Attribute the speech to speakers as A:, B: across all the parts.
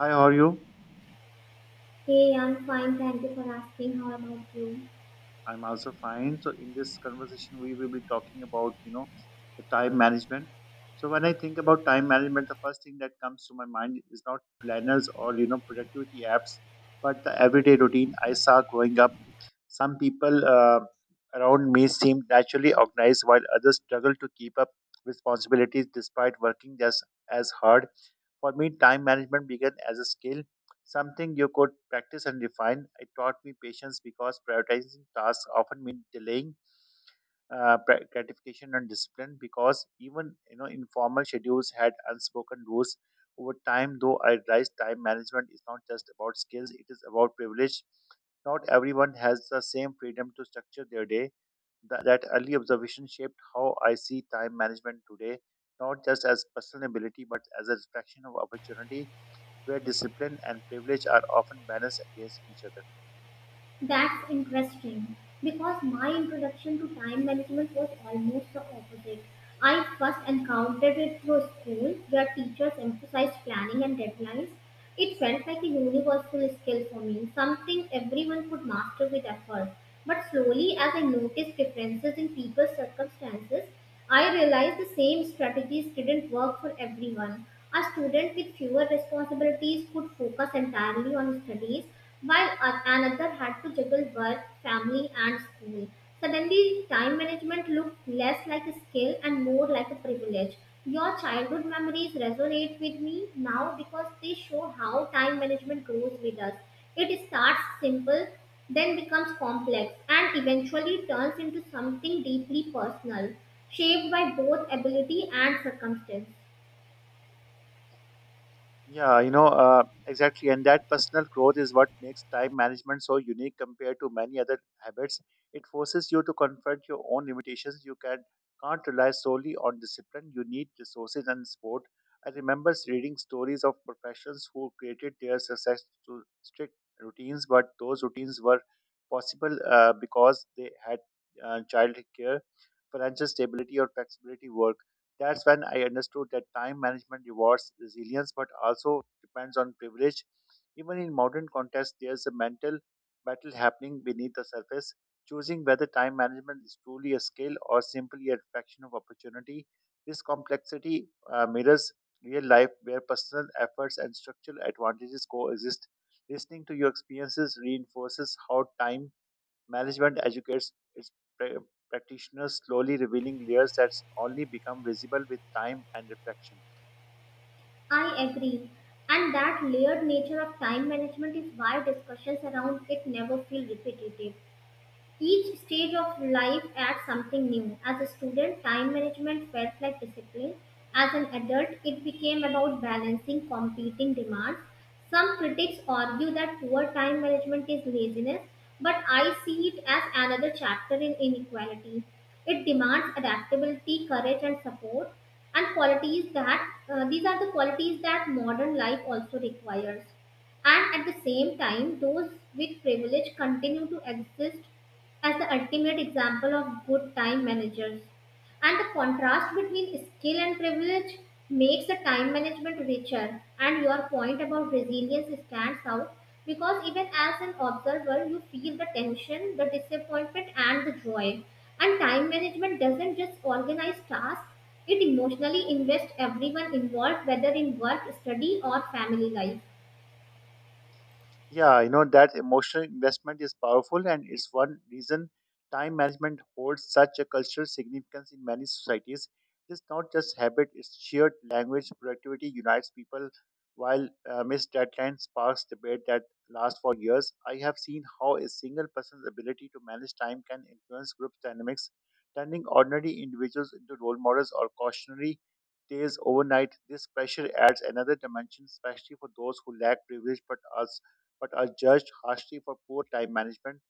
A: Hi, how are you?
B: Hey, I'm fine. Thank you for asking. How about you?
A: I'm also fine. So in this conversation, we will be talking about the time management. So when I think about time management, the first thing that comes to my mind is not planners or productivity apps, but the everyday routine I saw growing up. Some people around me seem naturally organized, while others struggle to keep up responsibilities despite working just as hard. For me, time management began as a skill, something you could practice and refine. It taught me patience because prioritizing tasks often meant delaying gratification and discipline. Because even informal schedules had unspoken rules. Over time, though, I realized time management is not just about skills; it is about privilege. Not everyone has the same freedom to structure their day. That early observation shaped how I see time management today, not just as personal ability, but as a reflection of opportunity where discipline and privilege are often balanced against each other.
B: That's interesting because my introduction to time management was almost the opposite. I first encountered it through school, where teachers emphasized planning and deadlines. It felt like a universal skill for me, something everyone could master with effort. But slowly, as I noticed differences in people's circumstances, I realized the same strategies didn't work for everyone. A student with fewer responsibilities could focus entirely on studies, while another had to juggle work, family, and school. Suddenly, time management looked less like a skill and more like a privilege. Your childhood memories resonate with me now because they show how time management grows with us. It starts simple, then becomes complex and eventually turns into something deeply personal, shaped by both ability and circumstance.
A: Yeah, exactly. And that personal growth is what makes time management so unique compared to many other habits. It forces you to confront your own limitations. Can't rely solely on discipline. You need resources and support. I remember reading stories of professionals who created their success to strict routines, but those routines were possible because they had child care, financial stability, or flexibility work. That's when I understood that time management rewards resilience but also depends on privilege. Even in modern context, there's a mental battle happening beneath the surface. Choosing whether time management is truly a skill or simply a reflection of opportunity. This complexity mirrors real life where personal efforts and structural advantages coexist. Listening to your experiences reinforces how time management educates its pra- practitioners, slowly revealing layers that only become visible with time and reflection.
B: I agree. And that layered nature of time management is why discussions around it never feel repetitive. Each stage of life adds something new. As a student, time management felt like discipline. As an adult, it became about balancing competing demands. Some critics argue that poor time management is laziness, but I see it as another chapter in inequality. It demands adaptability, courage, and support, and qualities that these are the qualities that modern life also requires, and at the same time, those with privilege continue to exist as the ultimate example of good time managers. And the contrast between skill and privilege makes the time management richer. And your point about resilience stands out because even as an observer, you feel the tension, the disappointment, and the joy. And time management doesn't just organize tasks, it emotionally invests everyone involved, whether in work, study, or family life.
A: Yeah, that emotional investment is powerful and it's one reason time management holds such a cultural significance in many societies. It's not just habit, it's shared language. Productivity unites people while missed deadlines sparks debate that lasts for years. I have seen how a single person's ability to manage time can influence group dynamics, turning ordinary individuals into role models or cautionary tales overnight. This pressure adds another dimension, especially for those who lack privilege but are judged harshly for poor time management.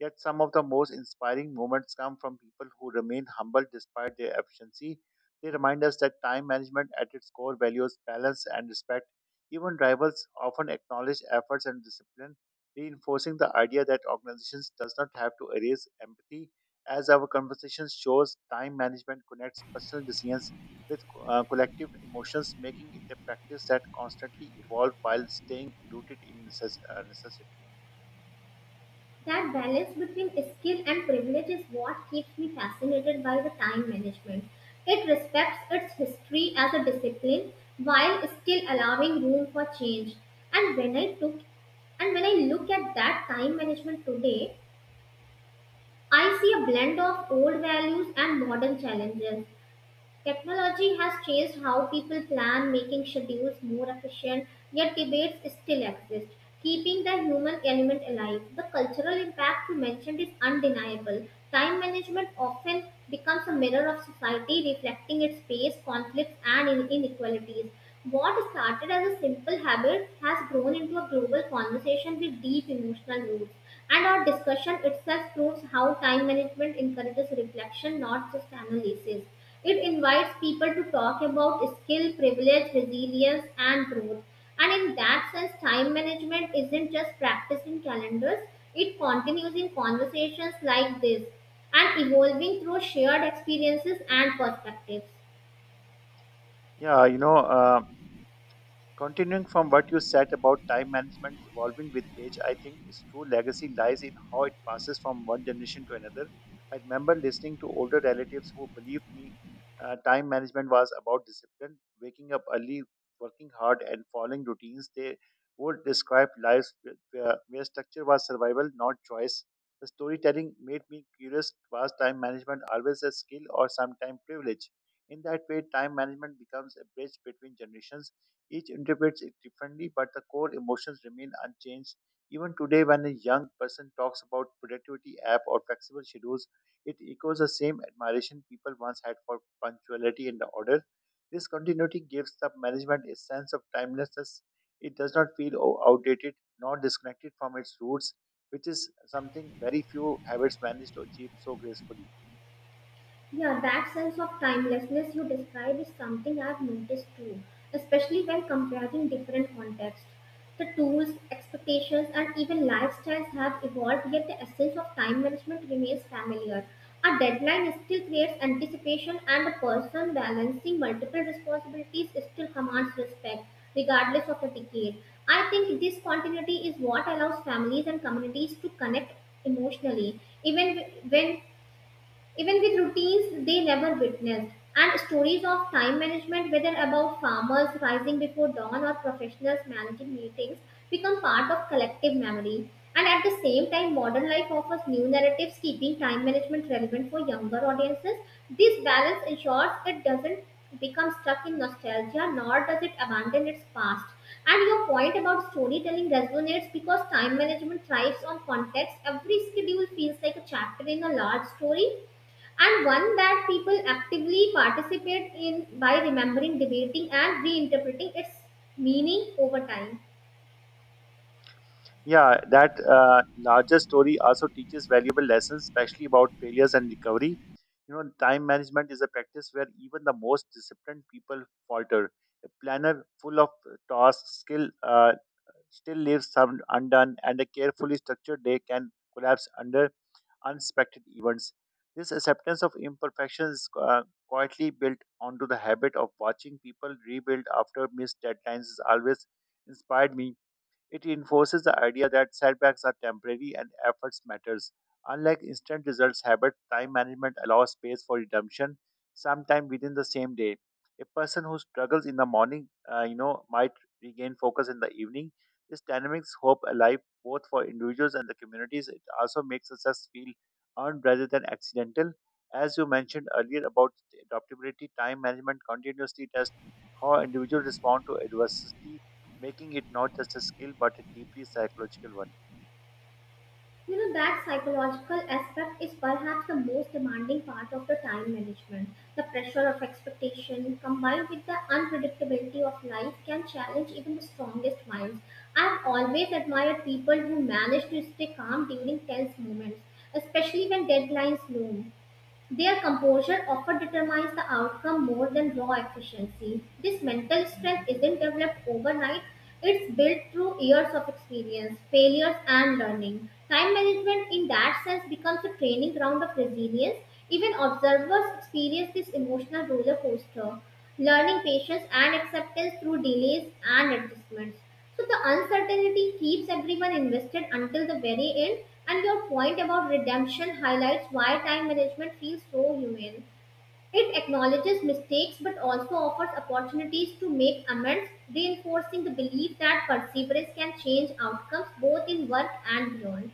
A: Yet some of the most inspiring moments come from people who remain humble despite their efficiency. They remind us that time management at its core values balance and respect. Even rivals often acknowledge efforts and discipline, reinforcing the idea that organizations does not have to erase empathy. As our conversation shows, time management connects personal decisions with collective emotions, making it a practice that constantly evolves while staying rooted in necessity.
B: That balance between skill and privilege is what keeps me fascinated by the time management. It respects its history as a discipline while still allowing room for change. And when I took and when I look at that time management today, I see a blend of old values and modern challenges. Technology has changed how people plan, making schedules more efficient, yet debates still exist, keeping the human element alive. The cultural impact you mentioned is undeniable. Time management often becomes a mirror of society, reflecting its pace, conflicts, and inequalities. What started as a simple habit has grown into a global conversation with deep emotional roots. And our discussion itself proves how time management encourages reflection, not just analysis. It invites people to talk about skill, privilege, resilience, and growth. And in that sense, time management isn't just practiced in calendars, it continues in conversations like this, and evolving through shared experiences and perspectives.
A: Yeah, continuing from what you said about time management evolving with age, I think its true legacy lies in how it passes from one generation to another. I remember listening to older relatives who believed me time management was about discipline, waking up early, working hard, and following routines. They would describe lives where structure was survival, not choice. The storytelling made me curious was time management always a skill or sometimes privilege? In that way, time management becomes a bridge between generations each interprets it differently, but the core emotions remain unchanged. Even today, when a young person talks about productivity app or flexible schedules, it echoes the same admiration people once had for punctuality and the order. This continuity gives the management a sense of timelessness. It does not feel outdated nor disconnected from its roots, which is something very few habits manage to achieve so gracefully.
B: Yeah, that sense of timelessness you describe is something I've noticed too, especially when comparing different contexts. The tools, expectations, and even lifestyles have evolved, yet the essence of time management remains familiar. A deadline still creates anticipation, and a person balancing multiple responsibilities still commands respect, regardless of the decade. I think this continuity is what allows families and communities to connect emotionally, even when even with routines they never witnessed, and stories of time management, whether about farmers rising before dawn or professionals managing meetings, become part of collective memory. And at the same time, modern life offers new narratives, keeping time management relevant for younger audiences. This balance ensures it doesn't become stuck in nostalgia, nor does it abandon its past. And your point about storytelling resonates because time management thrives on context. Every schedule feels like a chapter in a large story, and one that people actively participate in by remembering, debating, and reinterpreting its meaning over time.
A: Yeah, that larger story also teaches valuable lessons, especially about failures and recovery. You know, time management is a practice where even the most disciplined people falter. A planner full of tasks skill, still leaves some undone, and a carefully structured day can collapse under unexpected events. This acceptance of imperfections is quietly built onto the habit of watching people rebuild after missed deadlines has always inspired me it enforces the idea that setbacks are temporary and efforts matters. Unlike instant results habit, time management allows space for redemption sometime within the same day. A person who struggles in the morning, might regain focus in the evening. This dynamics hope alive both for individuals and the communities. It also makes success feel earned rather than accidental. As you mentioned earlier about adaptability, time management continuously tests how individuals respond to adversity making it not just a skill but a deeply psychological one.
B: You know that psychological aspect is perhaps the most demanding part of the time management. The pressure of expectation combined with the unpredictability of life can challenge even the strongest minds. I've always admired people who manage to stay calm during tense moments, especially when deadlines loom. Their composure often determines the outcome more than raw efficiency. This mental strength isn't developed overnight, it's built through years of experience, failures, and learning. Time management, in that sense, becomes a training ground of resilience. Even observers experience this emotional roller coaster, learning patience and acceptance through delays and adjustments. So the uncertainty keeps everyone invested until the very end, and your point about redemption highlights why time management feels so human. It acknowledges mistakes but also offers opportunities to make amends, reinforcing the belief that perseverance can change outcomes both in work and beyond.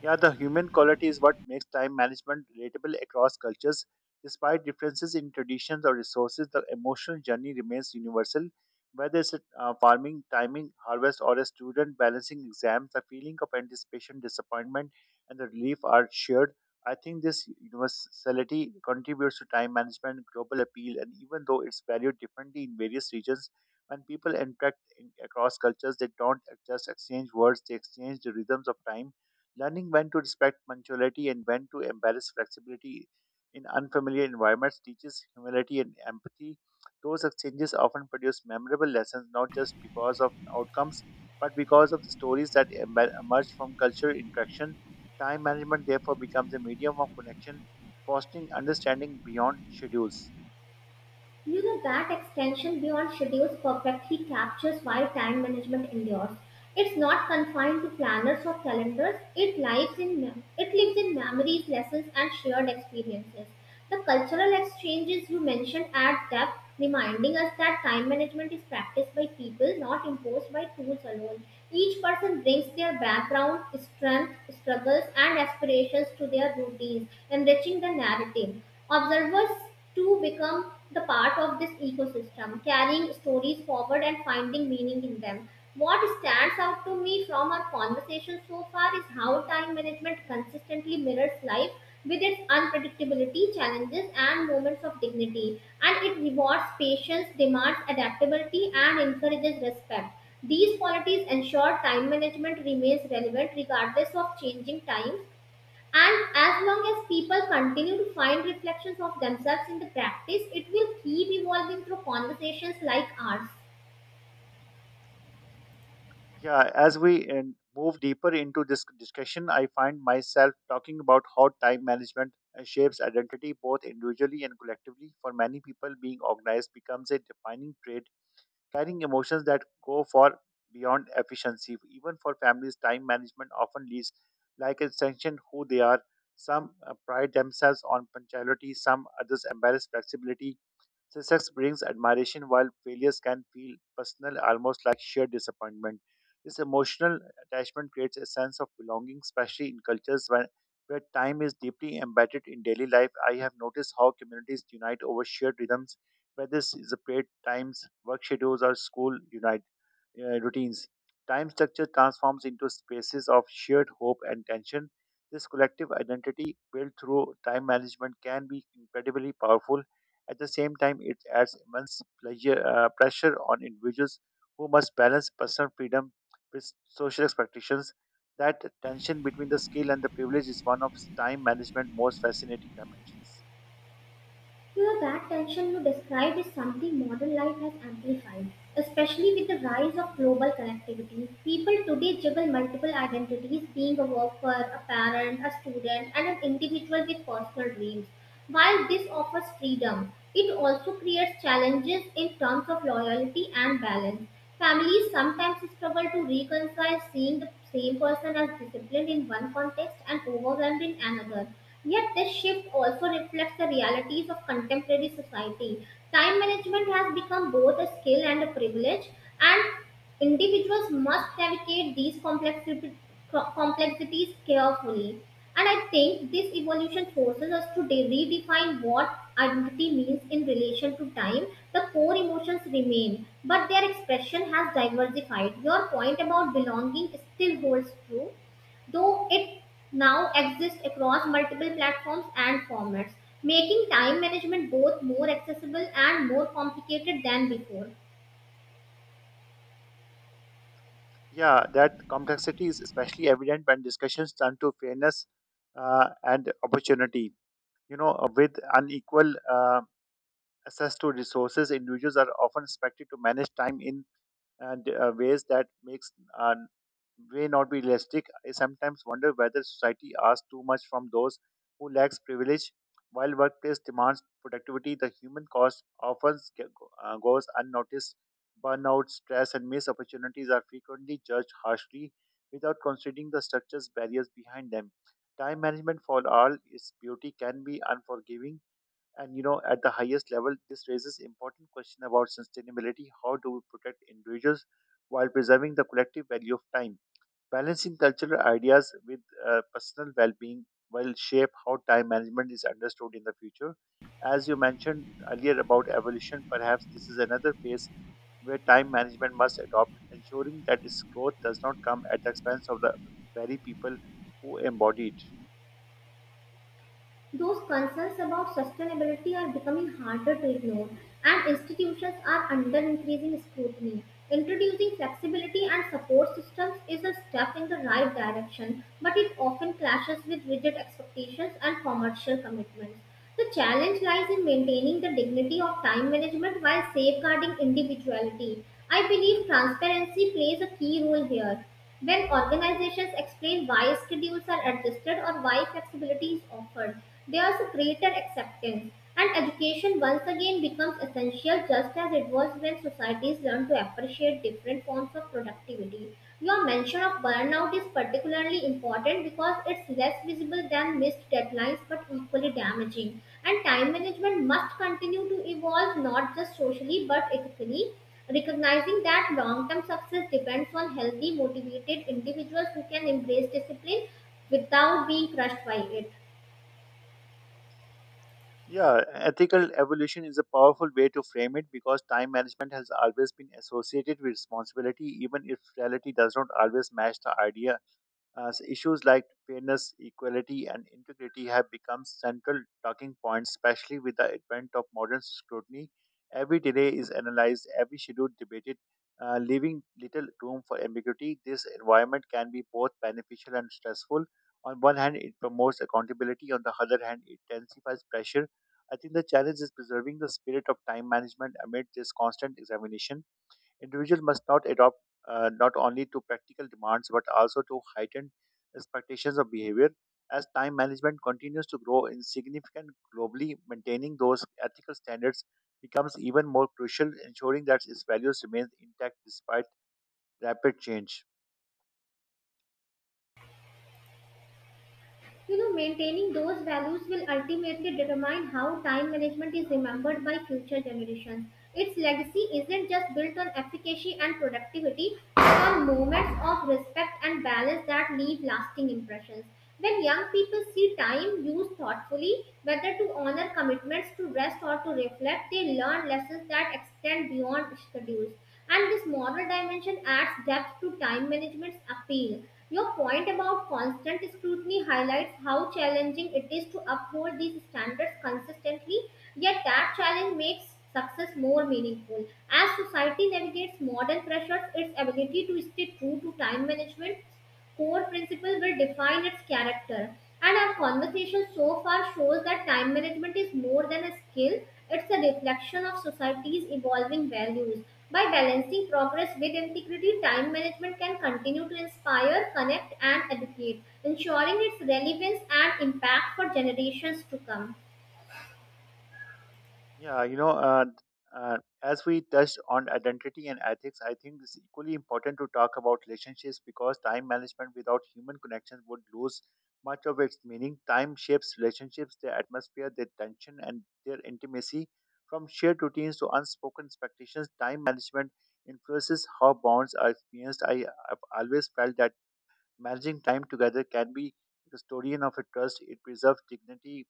A: Yeah, the human quality is what makes time management relatable across cultures. Despite differences in traditions or resources, the emotional journey remains universal. Whether it's farming, timing, harvest, or a student balancing exams, the feeling of anticipation, disappointment, and the relief are shared. I think this universality contributes to time management, global appeal, and even though it's valued differently in various regions, when people across cultures, they don't just exchange words, they exchange the rhythms of time. Learning when to respect punctuality and when to embrace flexibility in unfamiliar environments teaches humility and empathy. Those exchanges often produce memorable lessons not just because of outcomes, but because of the stories that emerge from cultural interaction. Time management therefore becomes a medium of connection, fostering understanding beyond schedules.
B: You know that extension beyond schedules perfectly captures why time management endures. It's not confined to planners or calendars. It lives in it lives in memories, lessons, and shared experiences. The cultural exchanges you mentioned add depth, reminding us that time management is practiced by people, not imposed by tools alone. Each person brings their background, strength, struggles, and aspirations to their routines, enriching the narrative. Observers too become the part of this ecosystem, carrying stories forward and finding meaning in them. What stands out to me from our conversation so far is how time management consistently mirrors life with its unpredictability, challenges, and moments of dignity. And it rewards patience, demands adaptability, and encourages respect. These qualities ensure time management remains relevant regardless of changing times. And as long as people continue to find reflections of themselves in the practice, it will keep evolving through conversations like ours.
A: Yeah, as we move deeper into this discussion, I find myself talking about how time management shapes identity both individually and collectively. For many people, being organized becomes a defining trait, carrying emotions that go far beyond efficiency. Even for families, time management often leads like extension who they are. Some pride themselves on punctuality, some others embrace flexibility, success brings admiration while failures can feel personal, almost like sheer disappointment. This emotional attachment creates a sense of belonging, especially in where time is deeply embedded in daily life. I have noticed how communities unite over shared rhythms, whether this is a paid times, work schedules, or school routines. Time structure transforms into spaces of shared hope and tension. This collective identity built through time management can be incredibly powerful. At the same time, it adds immense pressure on individuals who must balance personal freedom with social expectations. That tension between the skill and the privilege is one of time management's most fascinating dimensions.
B: Here, that tension you described is something modern life has amplified, especially with the rise of global connectivity. People today juggle multiple identities, being a worker, a parent, a student, and an individual with personal dreams. While this offers freedom, it also creates challenges in terms of loyalty and balance. Families sometimes struggle to reconcile seeing the same person as disciplined in one context and overwhelmed in another. Yet, this shift also reflects the realities of contemporary society. Time management has become both a skill and a privilege, and individuals must navigate these complexities carefully. And I think this evolution forces us to redefine what identity means in relation to time. The core emotions remain, but their expression has diversified. Your point about belonging still holds true, though it now exists across multiple platforms and formats, making time management both more accessible and more complicated than before.
A: Yeah, that complexity is especially evident when discussions turn to fairness and opportunity. You know, with unequal access to resources, individuals are often expected to manage time in ways that makes uh, may not be realistic. I sometimes wonder whether society asks too much from those who lacks privilege. While workplace demands productivity, the human cost often goes unnoticed. Burnout, stress, and missed opportunities are frequently judged harshly without considering the structures barriers behind them. Time management for all its beauty can be unforgiving, and at the highest level, this raises important question about sustainability. How do we protect individuals while preserving the collective value of time? Balancing cultural ideas with personal well-being will shape how time management is understood in the future. As you mentioned earlier about evolution, perhaps this is another phase where time management must adopt, ensuring that its growth does not come at the expense of the very people who embody it.
B: Those concerns about sustainability are becoming harder to ignore, and institutions are under increasing scrutiny. Introducing flexibility and support systems is a step in the right direction, but it often clashes with rigid expectations and commercial commitments. The challenge lies in maintaining the dignity of time management while safeguarding individuality. I believe transparency plays a key role here. When organizations explain why schedules are adjusted or why flexibility is offered, there is a greater acceptance, and education once again becomes essential, just as it was when societies learn to appreciate different forms of productivity. Your mention of burnout is particularly important because it's less visible than missed deadlines but equally damaging. And time management must continue to evolve not just socially but ethically, recognizing that long term success depends on healthy, motivated individuals who can embrace discipline without being crushed by it.
A: Yeah, ethical evolution is a powerful way to frame it because time management has always been associated with responsibility, even if reality does not always match the idea as issues like fairness, equality, and integrity have become central talking points, especially with the advent of modern scrutiny. Every delay is analyzed, every schedule debated, leaving little room for ambiguity. This environment can be both beneficial and stressful. On one hand, it promotes accountability, on the other hand, it intensifies pressure. I think the challenge is preserving the spirit of time management amid this constant examination. Individual must not adopt not only to practical demands but also to heightened expectations of behavior. As time management continues to grow in significant globally, maintaining those ethical standards becomes even more crucial, ensuring that its values remain intact despite rapid change.
B: You know, maintaining those values will ultimately determine how time management is remembered by future generations. Its legacy isn't just built on efficacy and productivity, but on moments of respect and balance that leave lasting impressions. When young people see time used thoughtfully, whether to honor commitments, to rest, or to reflect, they learn lessons that extend beyond schedules. And this moral dimension adds depth to time management's appeal. Your point about constant scrutiny highlights how challenging it is to uphold these standards consistently, yet that challenge makes success more meaningful. As society navigates modern pressures, its ability to stay true to time management core principles will define its character. And our conversation so far shows that time management is more than a skill, it's a reflection of society's evolving values. By balancing progress with integrity, time management can continue to inspire, connect, and educate, ensuring its relevance and impact for generations to come.
A: Yeah, as we touched on identity and ethics, I think it's equally important to talk about relationships because time management without human connections would lose much of its meaning. Time shapes relationships, their atmosphere, their tension, and their intimacy. From shared routines to unspoken expectations, time management influences how bonds are experienced. I have always felt that managing time together can be the custodian of a trust. It preserves dignity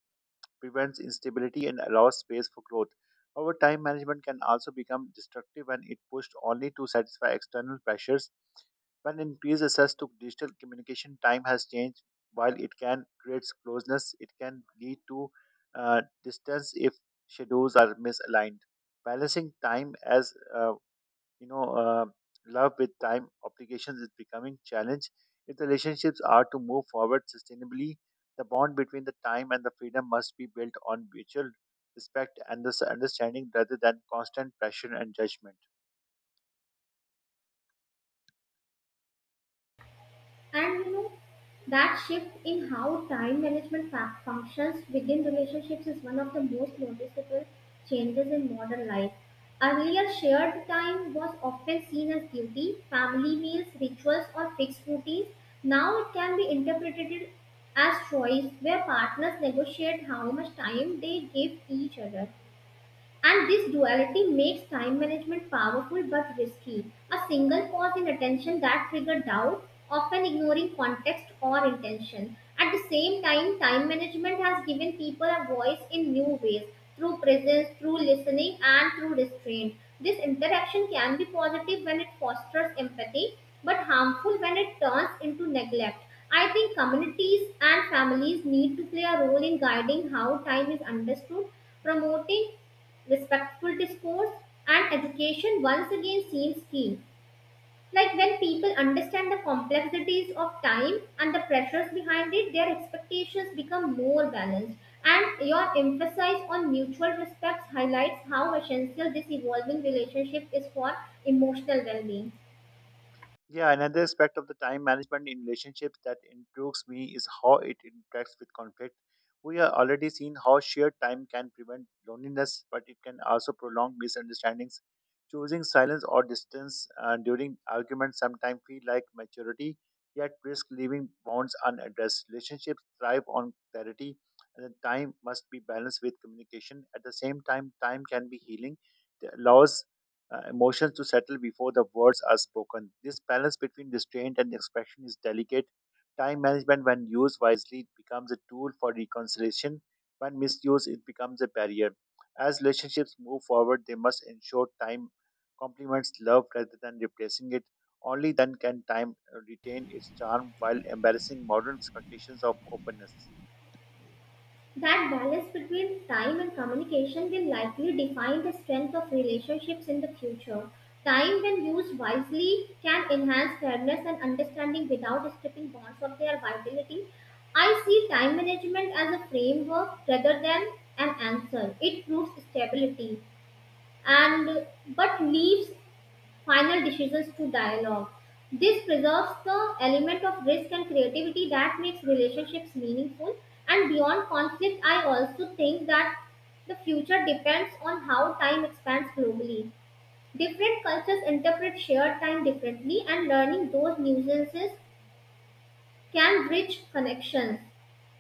A: prevents instability and allows space for growth. However, time management can also become destructive when it pushed only to satisfy external pressures. When increased access to digital communication, time has changed. While it can create closeness, it can lead to distance if schedules are misaligned. Balancing time as you know uh, love with time obligations is becoming challenge if the relationships are to move forward sustainably the bond between the time and the freedom must be built on mutual respect and this understanding rather than constant pressure and judgment.
B: And you know, that shift in how time management functions within relationships is one of the most noticeable changes in modern life. Earlier, shared time was often seen as duty, family meals, rituals, or fixed routines. Now it can be interpreted as choice, where partners negotiate how much time they give each other. And this duality makes time management powerful but risky. A single pause in attention that triggered doubt, often ignoring context or intention. At the same time, time management has given people a voice in new ways, through presence, through listening, and through restraint. This interaction can be positive when it fosters empathy, but harmful when it turns into neglect. I think communities and families need to play a role in guiding how time is understood, promoting respectful discourse, and education once again seems key. Like, when people understand the complexities of time and the pressures behind it, their expectations become more balanced. And your emphasis on mutual respect highlights how essential this evolving relationship is for emotional well being.
A: Yeah, another aspect of the time management in relationships that intrigues me is how it interacts with conflict. We have already seen how shared time can prevent loneliness, but it can also prolong misunderstandings. Choosing silence or distance during arguments sometimes feel like maturity, yet risk leaving bonds unaddressed. Relationships thrive on clarity, and the time must be balanced with communication. At the same time, time can be healing. It allows emotions to settle before the words are spoken. This balance between restraint and expression is delicate. Time management, when used wisely, becomes a tool for reconciliation. When misused, it becomes a barrier. As relationships move forward, they must ensure time complements love rather than replacing it. Only then can time retain its charm while embarrassing modern expectations of openness.
B: That balance between time and communication will likely define the strength of relationships in the future. Time, when used wisely, can enhance fairness and understanding without stripping bonds of their vitality. I see time management as a framework rather than an answer. It proves stability and but leaves final decisions to dialogue. This preserves the element of risk and creativity that makes relationships meaningful. And beyond conflict, I also think that the future depends on how time expands globally. Different cultures interpret shared time differently, and learning those nuances can bridge connections.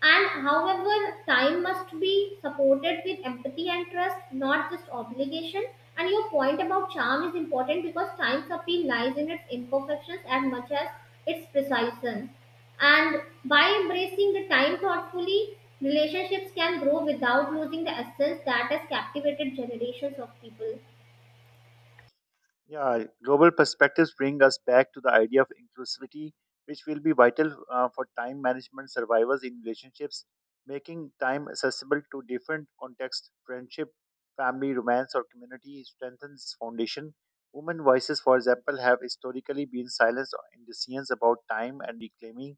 B: And however, time must be supported with empathy and trust, not just obligation. And your point about charm is important because time's appeal lies in its imperfections as much as its precision. And by embracing the time thoughtfully, relationships can grow without losing the essence that has captivated generations of people.
A: Yeah, global perspectives bring us back to the idea of inclusivity, which will be vital for time management survivors in relationships, making time accessible to different contexts, friendship, family, romance, or community strengthens foundation. Women voices, for example, have historically been silenced in decisions about time and reclaiming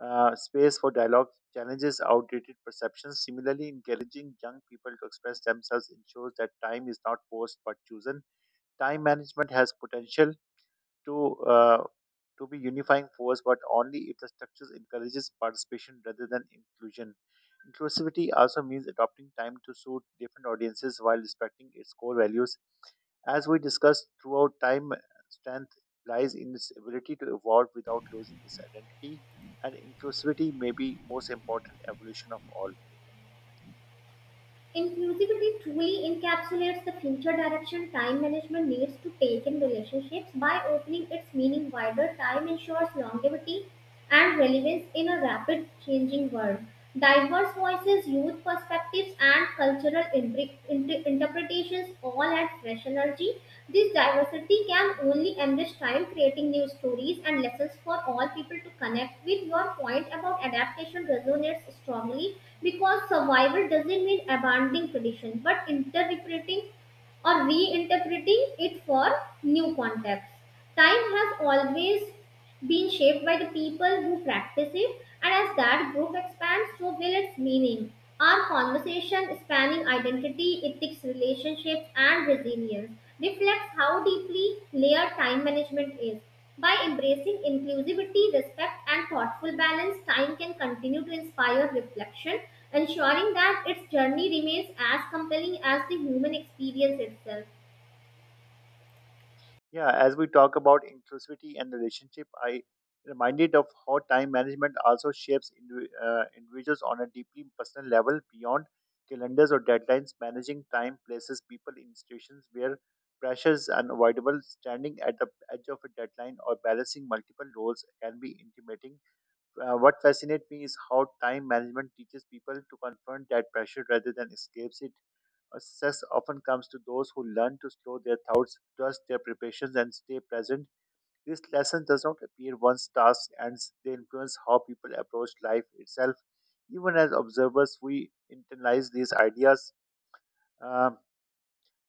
A: space for dialogue challenges outdated perceptions. Similarly, encouraging young people to express themselves ensures that time is not forced but chosen. Time management has potential to uh, to be unifying force, but only if the structures encourages participation rather than inclusion. Inclusivity also means adopting time to suit different audiences while respecting its core values. As we discussed throughout time, strength lies in its ability to evolve without losing its identity, and inclusivity may be most important evolution of all.
B: Inclusivity truly encapsulates the future direction time management needs to take in relationships by opening its meaning wider. Time ensures longevity and relevance in a rapid changing world. Diverse voices, youth perspectives, and cultural interpretations all add fresh energy. This diversity can only enrich time, creating new stories and lessons for all people to connect with. Your point about adaptation resonates strongly because survival doesn't mean abandoning tradition but interpreting or reinterpreting it for new contexts. Time has always been shaped by the people who practice it, and as that group expands, so will its meaning. Our conversation, spanning identity, ethics, relationships, and resilience, reflects how deeply layered time management is. By embracing inclusivity, respect, and thoughtful balance, time can continue to inspire reflection, ensuring that its journey remains as compelling as the human experience itself.
A: Yeah, as we talk about inclusivity and relationship, I reminded of how time management also shapes individuals on a deeply personal level beyond calendars or deadlines. Managing time places people in situations where pressure is unavoidable. Standing at the edge of a deadline or balancing multiple roles can be intimidating. What fascinates me is how time management teaches people to confront that pressure rather than escapes it. Success often comes to those who learn to slow their thoughts, trust their preparations, and stay present. This lesson does not appear once task ends, they influence how people approach life itself. Even as observers, we internalize these ideas. Um,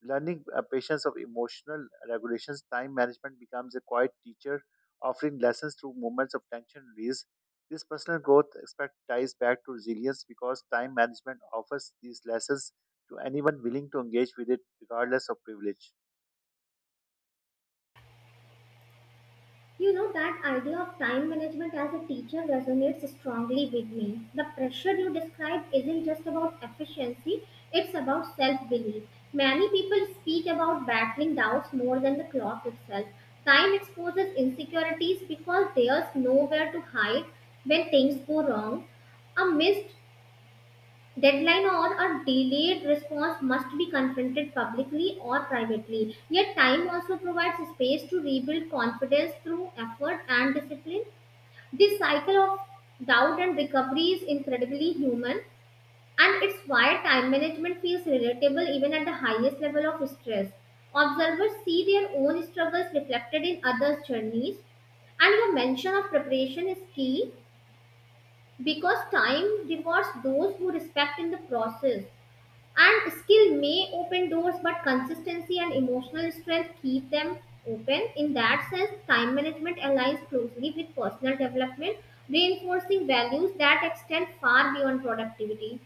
A: Learning patience of emotional regulations, time management becomes a quiet teacher, offering lessons through moments of tension release. This personal growth aspect ties back to resilience because time management offers these lessons to anyone willing to engage with it, regardless of privilege.
B: You know, that idea of time management as a teacher resonates strongly with me. The pressure you describe isn't just about efficiency, it's about self belief. Many people speak about battling doubts more than the clock itself. Time exposes insecurities because there's nowhere to hide when things go wrong. A missed deadline on a delayed response must be confronted publicly or privately. Yet, time also provides space to rebuild confidence through effort and discipline. This cycle of doubt and recovery is incredibly human, and it's why time management feels relatable even at the highest level of stress. Observers see their own struggles reflected in others' journeys, and your mention of preparation is key because time rewards those who respect in the process. And skill may open doors, but consistency and emotional strength keep them open. In that sense, time management aligns closely with personal development, reinforcing values that extend far beyond productivity.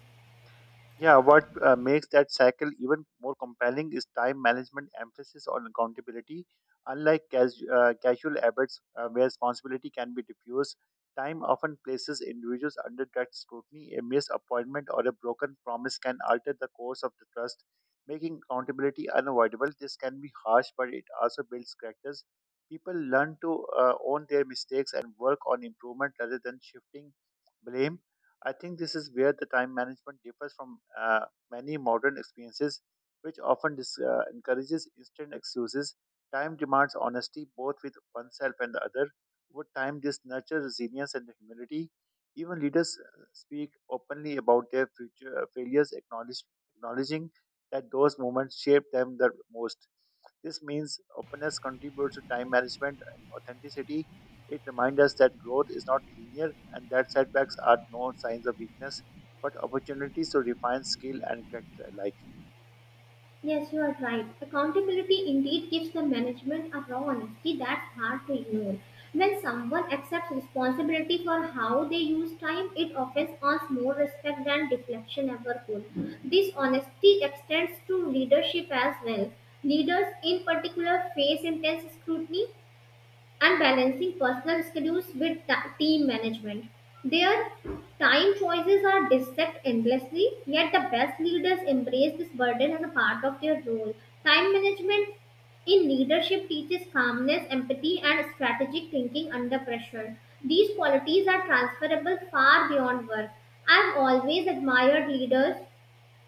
A: Yeah, what makes that cycle even more compelling is time management emphasis on accountability. Unlike casual habits where responsibility can be diffused, time often places individuals under direct scrutiny. A missed appointment or a broken promise can alter the course of the trust, making accountability unavoidable. This can be harsh, but it also builds characters. People learn to own their mistakes and work on improvement rather than shifting blame. I think this is where the time management differs from many modern experiences, which often encourages instant excuses. Time demands honesty both with oneself and the other. Over time, this nurtures resilience and humility. Even leaders speak openly about their future failures, acknowledging that those moments shaped them the most. This means openness contributes to time management and authenticity. It reminds us that growth is not linear and that setbacks are no signs of weakness, but opportunities to refine skill and character alike.
B: Yes, you are right. Accountability indeed gives the management a raw honesty that's hard to ignore. When someone accepts responsibility for how they use time, it often earns more respect than deflection ever could. This honesty extends to leadership as well. Leaders, in particular, face intense scrutiny and balancing personal schedules with team management. Their time choices are dissect endlessly, yet the best leaders embrace this burden as a part of their role. Time management in leadership teaches calmness, empathy, and strategic thinking under pressure. These qualities are transferable far beyond work. I've always admired leaders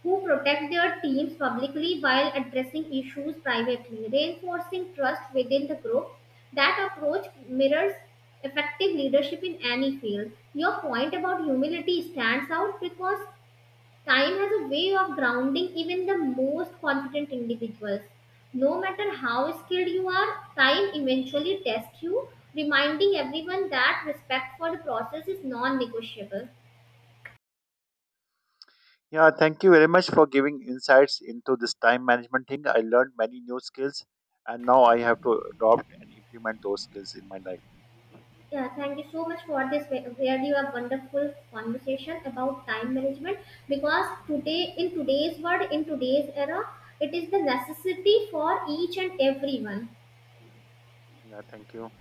B: who protect their teams publicly while addressing issues privately, reinforcing trust within the group. That approach mirrors effective leadership in any field. Your point about humility stands out because time has a way of grounding even the most confident individuals. No matter how skilled you are, time eventually tests you, reminding everyone that respect for the process is non negotiable.
A: Yeah, thank you very much for giving insights into this time management thing. I learned many new skills and now I have to adopt and implement those skills in my life.
B: Yeah, thank you so much for this really a wonderful conversation about time management because today in today's world in today's era it is the necessity for each and everyone.
A: Yeah, thank you.